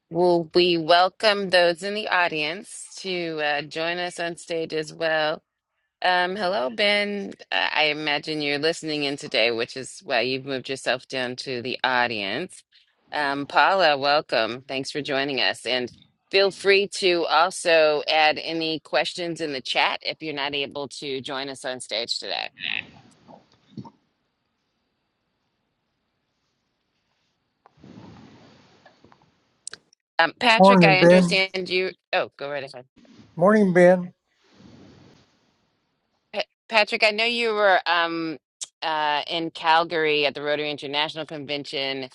Speaker 1: Will we welcome those in the audience to uh, join us on stage as well. Um, hello, Ben. Uh, I imagine you're listening in today, which is why you've moved yourself down to the audience. Um, Paula, welcome. Thanks for joining us. And feel free to also add any questions in the chat if you're not able to join us on stage today. Um, Patrick,
Speaker 2: Morning,
Speaker 1: I
Speaker 2: Ben.
Speaker 1: understand you. Oh, go right ahead.
Speaker 2: Morning, Ben.
Speaker 1: Pa- Patrick, I know you were um, uh, in Calgary at the Rotary International Convention.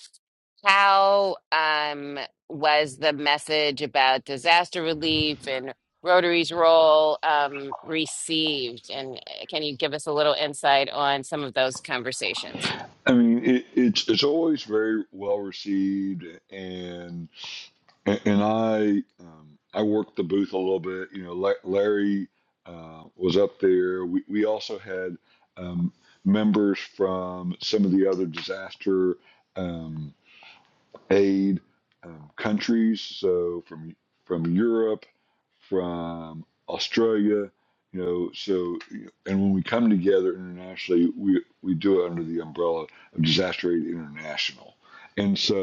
Speaker 1: How um, was the message about disaster relief and Rotary's role um, received? And uh, can you give us a little insight on some of those conversations?
Speaker 4: I mean, it, it's it's always very well received, and and I um, I worked the booth a little bit. You know, La- Larry uh, was up there. We we also had um, members from some of the other disaster um, aid um, countries, so from from Europe from Australia, you know, so and when we come together internationally, we we do it under the umbrella of Disaster Aid International. And so,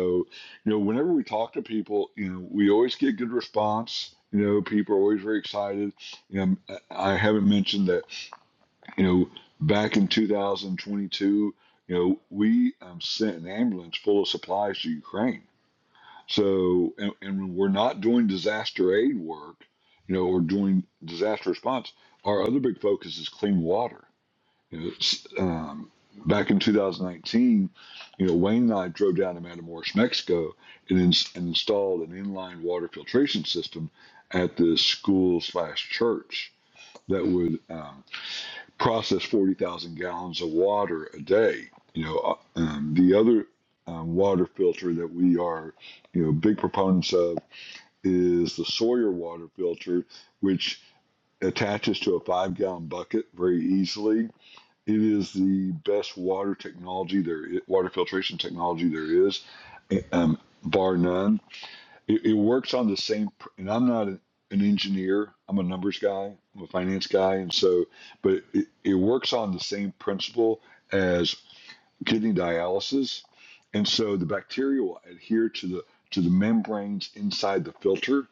Speaker 4: you know, whenever we talk to people, you know, we always get good response. You know, people are always very excited. You know, I haven't mentioned that, you know, back in 2022, you know, we um, sent an ambulance full of supplies to Ukraine so, and, and when we're not doing disaster aid work, you know, or doing disaster response, our other big focus is clean water. You know, it's, um, back in 2019, you know, Wayne and I drove down to Matamoros, Mexico, and, ins- and installed an inline water filtration system at this school slash church that would um, process 40,000 gallons of water a day. You know, uh, um, the other um, water filter that we are, you know, big proponents of is the Sawyer water filter, which attaches to a five gallon bucket very easily. It is the best water technology there, water filtration technology there is, um, bar none it, it works on the same, pr- and I'm not an an engineer. I'm a numbers guy. I'm a finance guy, and so, but it, it works on the same principle as kidney dialysis, and so the bacteria will adhere to the to the membranes inside the filter,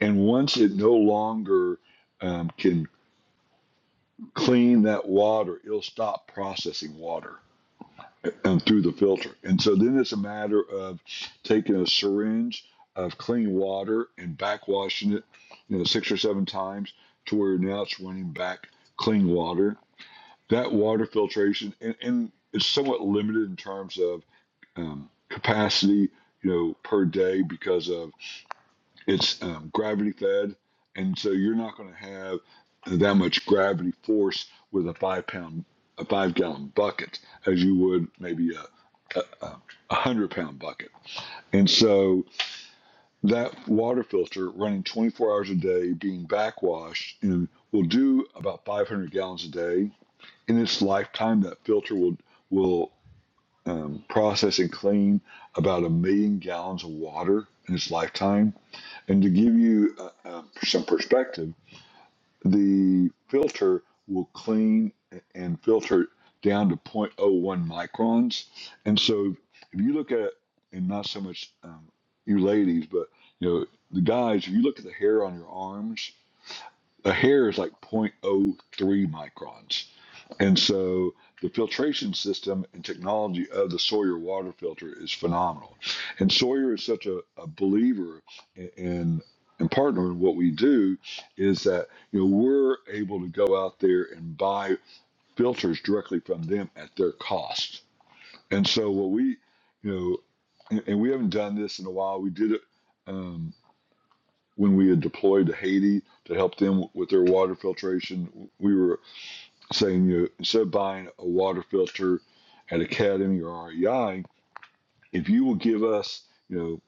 Speaker 4: and once it no longer um, can clean that water, it'll stop processing water. and through the filter. And so then it's a matter of taking a syringe of clean water and backwashing it, you know, six or seven times to where now it's running back clean water. That water filtration and, and it's somewhat limited in terms of um, capacity, you know, per day because of it's um, gravity fed, and so you're not going to have that much gravity force with a five pound, a five gallon bucket as you would maybe a a, a hundred pound bucket. And so that water filter running 24 hours a day, being backwashed, and will do about 500 gallons a day. In its lifetime, that filter will will um, process and clean about a million gallons of water in its lifetime and to give you uh, uh, some perspective, the filter will clean and filter down to zero point zero 0.01 microns. And so if you look at, and not so much um, you ladies, but you know, the guys, if you look at the hair on your arms, a hair is like zero point zero 0.03 microns. And so the filtration system and technology of the Sawyer water filter is phenomenal. And Sawyer is such a, a believer in, in in partner in what we do is that you know we're able to go out there and buy filters directly from them at their cost. And so what we you know and, and we haven't done this in a while. We did it um, when we had deployed to Haiti to help them with their water filtration. We were saying you instead of buying a water filter at Academy or REI, if you will give us, you know,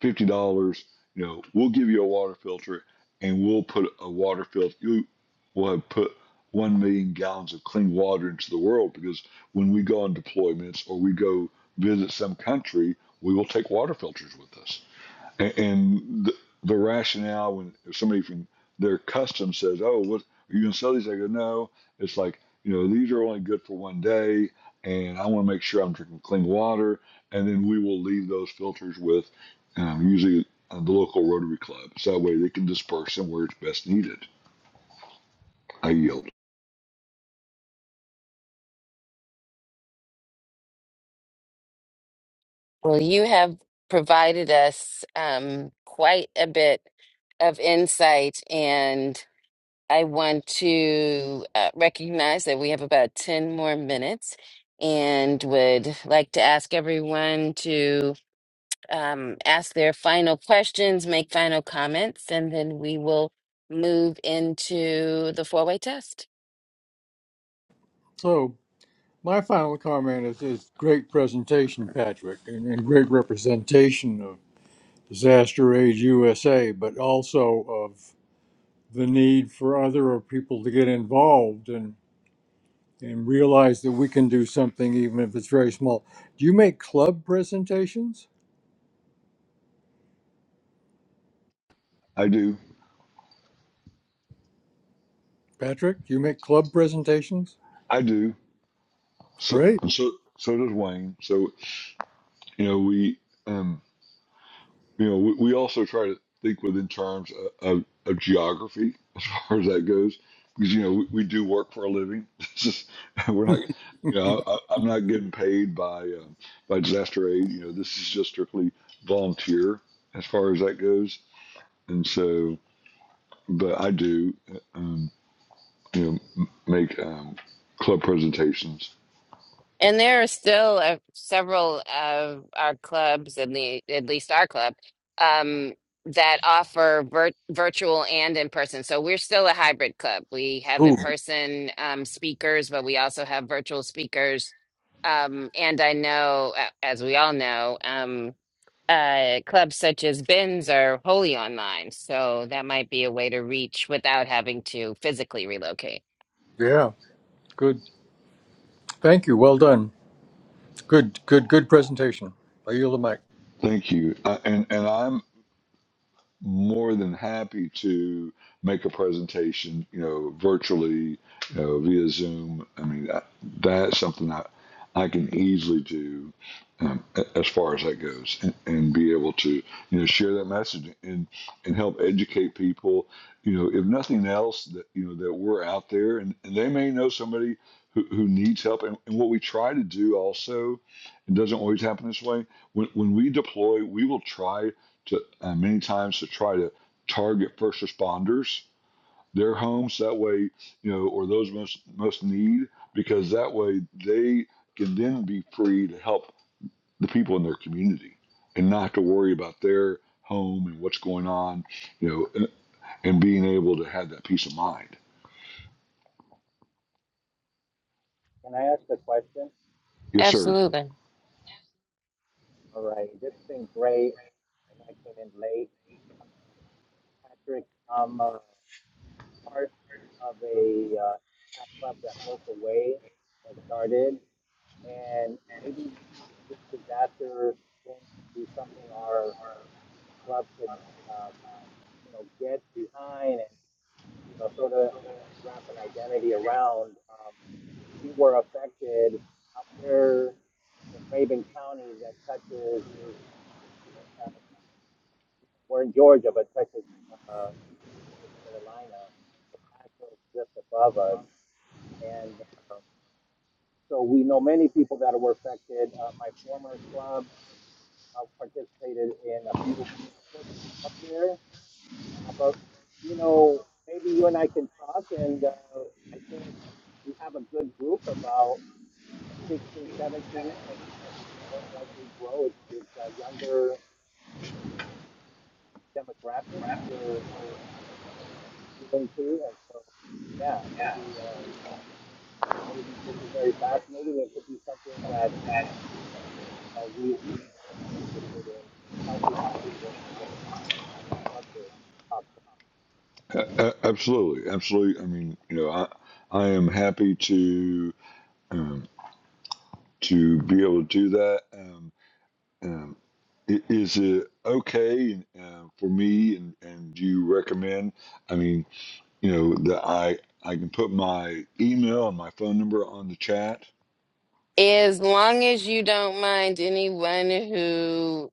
Speaker 4: fifty dollars, you know, we'll give you a water filter and we'll put a water filter you will have put one million gallons of clean water into the world because when we go on deployments or we go visit some country, we will take water filters with us a- and the, the rationale when if somebody from their custom says, "Oh, what are you gonna sell these?" I go, "No." It's like you know, these are only good for one day, and I want to make sure I'm drinking clean water. And then we will leave those filters with um, usually uh, the local Rotary Club, so that way they can disperse them where it's best needed. I yield.
Speaker 1: Well, you have provided us um, quite a bit of insight, and I want to uh, recognize that we have about 10 more minutes and would like to ask everyone to um, ask their final questions, make final comments, and then we will move into the four way test.
Speaker 2: So, my final comment is, is great presentation, Patrick, and, and great representation of Disaster Aid USA, but also of the need for other people to get involved. and. and realize that we can do something even if it's very small. Do you make club presentations?
Speaker 4: I do.
Speaker 2: Patrick, do you make club presentations?
Speaker 4: I do. So
Speaker 2: Great.
Speaker 4: so so does Wayne. So you know we. Um, You know, we, we also try to think within terms of, of, of geography as far as that goes, because you know we, we do work for a living. This is, we're not, you know, I, I- I'm not getting paid by um, by disaster aid. You know, this is just strictly volunteer as far as that goes. And so, but I do, um, you know, m- make um, club presentations.
Speaker 1: And there are still uh, several of our clubs, and the at least our club, um, that offer vir virtual and in person. So we're still a hybrid club. We have
Speaker 2: Ooh,
Speaker 1: in person um, speakers, but we also have virtual speakers. Um, and I know, a- as we all know, um, uh, clubs such as Ben's are wholly online. So that might be a way to reach without having to physically relocate.
Speaker 2: yeah, good. Thank you. Well done. Good, good, good presentation. I yield the mic.
Speaker 4: Thank you. I, and and I'm more than happy to make a presentation, you know, virtually, you know, via Zoom. I mean, that, that's something I, I can easily do um, as far as that goes and, and be able to, you know, share that message and, and help educate people, you know, if nothing else that, you know, that we're out there and, and they may know somebody who, who needs help. And, and what we try to do also, it doesn't always happen this way. When, when we deploy, we will try to and many times to try to target first responders their homes that way you know or those most most need because that way they can then be free to help the people in their community and not have to worry about their home and what's going on you know and, and being able to have that peace of mind
Speaker 5: Can I ask a question?
Speaker 4: yes sir
Speaker 1: Absolutely.
Speaker 5: All right. This has been great. And I came in late. Patrick, I'm uh, part of a uh, track club that broke away and started. And maybe this disaster thing could be something our club could, um, you know, get behind and, you know, sort of wrap an identity around. Um, we were affected up there in Raven County that touches, uh, we're in Georgia, but touches uh, North Carolina. So Asheville is just above us. And um, so we know many people that were affected. Uh, my former club uh, participated in a few projects up there. Uh, but, you know, maybe you and I can talk, and uh, I think we have a good group about 16, 17, and most likely grow is this uh, younger demographic we're appealing to, and so yeah, maybe uh, maybe this is very fascinating. It could be something that uh, we would be interested in, in helping in any way possible. Yeah, I'd love to talk. to you.
Speaker 4: A- a- absolutely absolutely i mean you know i i am happy to um, to be able to do that Um, Um, i- is it okay uh, for me? And, and do you recommend? I mean, you know, that I I can put my email and my phone number on the chat.
Speaker 1: As long as you don't mind anyone who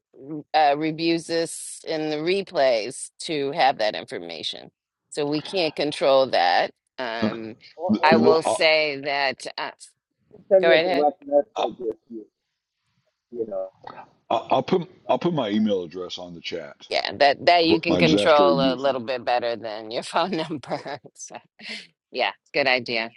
Speaker 1: uh, reviews this in the replays to have that information. So we can't control that.
Speaker 4: Okay.
Speaker 1: Um,
Speaker 5: Or,
Speaker 4: Th-
Speaker 5: or
Speaker 1: I
Speaker 4: Then
Speaker 5: you
Speaker 1: will
Speaker 4: I'll,
Speaker 1: say that, uh,
Speaker 5: you can send
Speaker 1: go
Speaker 5: me a
Speaker 1: right ahead.
Speaker 5: direct
Speaker 4: I'll,
Speaker 5: message if you you know.
Speaker 4: I'll I'll put I'll
Speaker 5: uh,
Speaker 4: put my email address on the chat
Speaker 1: Yeah, that, that
Speaker 4: for
Speaker 1: you can
Speaker 4: my disaster
Speaker 1: control
Speaker 4: aid
Speaker 1: a
Speaker 4: use email.
Speaker 1: little bit better than your phone number.
Speaker 4: Yep.
Speaker 1: So, yeah, good idea.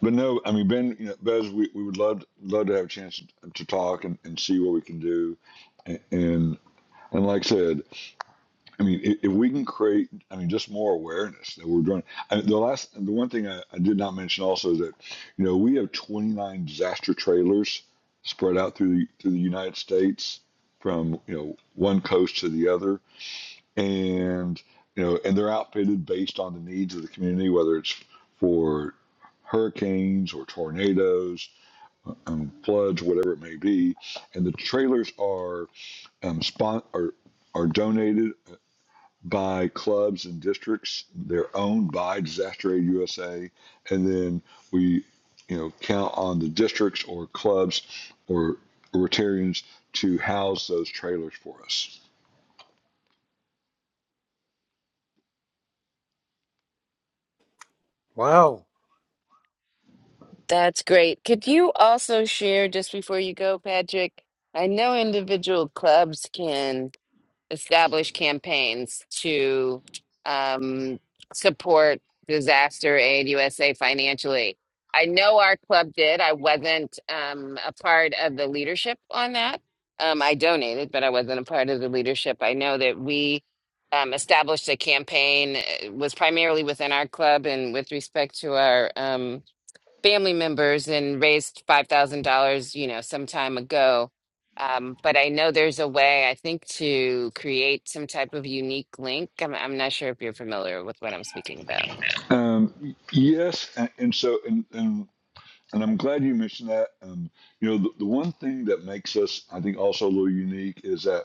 Speaker 4: But no, I mean Ben, you know, Bez, we, we would love love to have a chance to, to talk and, and see what we can do, and and, and like I said. I mean, if, if we can create, I mean, just more awareness that we're doing. I mean, the last, the one thing I, I did not mention also is that, you know, we have 29 disaster trailers spread out through the, through the United States from, you know, one coast to the other. And, you know, and they're outfitted based on the needs of the community, whether it's for hurricanes or tornadoes, um, floods, whatever it may be. And the trailers are, um, spon- are, are donated by clubs and districts. They're owned by Disaster Aid USA, and then we, you know, count on the districts or clubs or Rotarians to house those trailers for us.
Speaker 2: Wow.
Speaker 1: That's great. Could you also share, just before you go, Patrick? I know individual clubs can. establish campaigns to um, support disaster aid USA financially. I know our club did. I wasn't um, a part of the leadership on that. Um, I donated, but I wasn't a part of the leadership. I know that we um, established a campaign. It was primarily within our club and with respect to our um, family members and raised $5,000, you know, some time ago. Um, but I know there's a way, I think, to create some type of unique link. I'm, I'm not sure if you're familiar with what I'm speaking about.
Speaker 4: Um, yes, and, and so and, and and I'm glad you mentioned that. Um, you know, the, the one thing that makes us, I think, also a little unique is that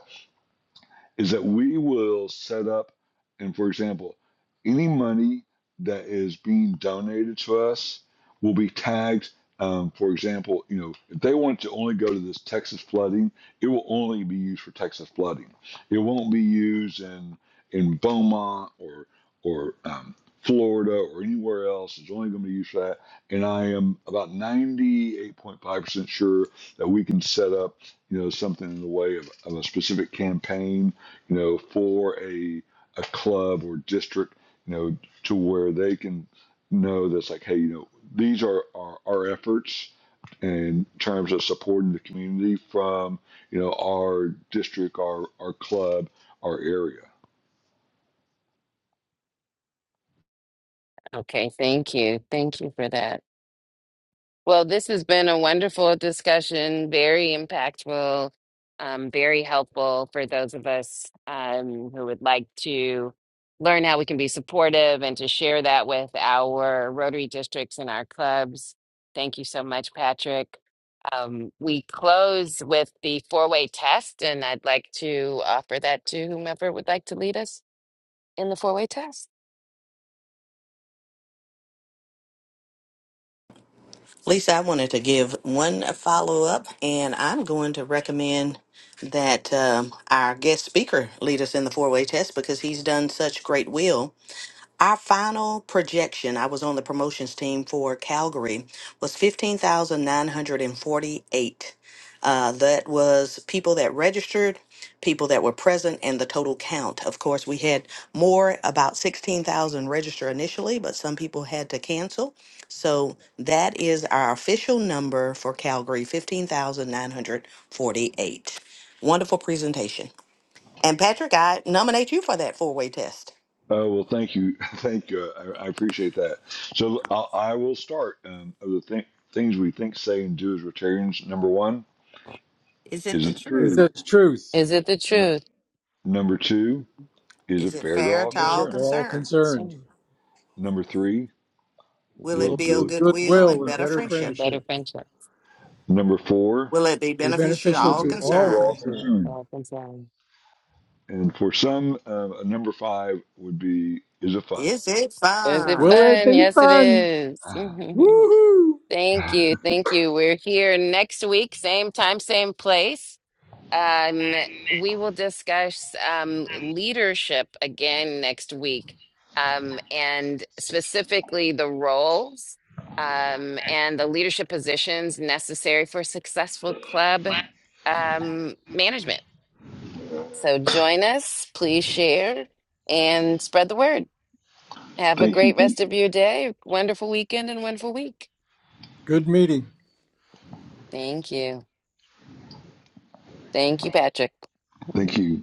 Speaker 4: is that we will set up, and for example, any money that is being donated to us will be tagged. Um, for example, you know, if they want to only go to this Texas flooding, it will only be used for Texas flooding. It won't be used in in Beaumont or or um, Florida or anywhere else. It's only going to be used for that. And I am about ninety eight point five percent sure that we can set up, you know, something in the way of, of a specific campaign you know, for a a club or district, you know, to where they can know that's like, hey, you know, these are, are our efforts in terms of supporting the community from, you know, our district, our our club, our area.
Speaker 1: Okay, thank you. Thank you for that. Well, this has been a wonderful discussion, very impactful, um, very helpful for those of us um, who would like to learn how we can be supportive and to share that with our Rotary districts and our clubs. Thank you so much, Patrick. Um, we close with the four way test, and I'd like to offer that to whomever would like to lead us in the four way test.
Speaker 3: Lisa, I wanted to give one follow up, and I'm going to recommend that um, our guest speaker lead us in the four way test because he's done such great will Our final projection, I was on the promotions team for Calgary, was 15,948. Uh, that was people that registered, people that were present, and the total count. Of course, we had more, about 16,000 register initially, but some people had to cancel. So that is our official number for Calgary 15,948. Wonderful presentation. And Patrick, I nominate you for that four way test.
Speaker 4: Oh well, thank you, thank you. I, I appreciate that. So I, I will start. Um, of the th- things we think, say, and do as Rotarians. Number one,
Speaker 3: Is it
Speaker 4: is
Speaker 3: the
Speaker 4: it
Speaker 2: Is
Speaker 3: truth?
Speaker 4: true?
Speaker 2: this truth?
Speaker 1: Is it the
Speaker 4: N-
Speaker 1: truth?
Speaker 4: number two, is
Speaker 3: Is
Speaker 4: it
Speaker 3: it
Speaker 4: fair to
Speaker 3: fair
Speaker 4: all
Speaker 3: to
Speaker 2: Yes,
Speaker 3: all
Speaker 4: concerned?
Speaker 2: We're all
Speaker 3: concerned?
Speaker 2: concerned.
Speaker 1: Sing.
Speaker 4: Number three,
Speaker 3: Will
Speaker 4: will
Speaker 2: Will
Speaker 3: it
Speaker 2: it
Speaker 3: build
Speaker 4: build
Speaker 2: build
Speaker 3: goodwill
Speaker 4: goodwill and
Speaker 3: and
Speaker 2: goodwill and
Speaker 4: better
Speaker 3: better
Speaker 2: better
Speaker 1: And
Speaker 3: friendship?
Speaker 4: friendships.
Speaker 1: better
Speaker 2: friendship?
Speaker 1: friendship.
Speaker 4: Number four,
Speaker 3: Will it be
Speaker 2: Be
Speaker 3: beneficial to
Speaker 4: is
Speaker 2: beneficial
Speaker 4: it
Speaker 3: all
Speaker 2: to
Speaker 4: beneficial to
Speaker 2: all
Speaker 3: concerned?
Speaker 4: all
Speaker 2: concerned.
Speaker 4: concerned? And for some, um, number five would be, is it fun?
Speaker 3: Is it
Speaker 1: Is it
Speaker 3: fun?
Speaker 2: Will it
Speaker 1: fun?
Speaker 2: be
Speaker 1: Yes, it
Speaker 2: fun?
Speaker 1: is.
Speaker 2: Woohoo!
Speaker 1: Thank you. Thank you. We're here next week, same time, same place. Um, we will discuss um, leadership again next week, um, and specifically the roles um, and the leadership positions necessary for successful club um, management. So join us, please share and spread the word. Have a
Speaker 4: thank you,
Speaker 1: great rest
Speaker 4: thank you,
Speaker 1: of your day, wonderful weekend, and wonderful week.
Speaker 2: Good meeting.
Speaker 1: Thank you. Thank you, Patrick.
Speaker 4: thank you.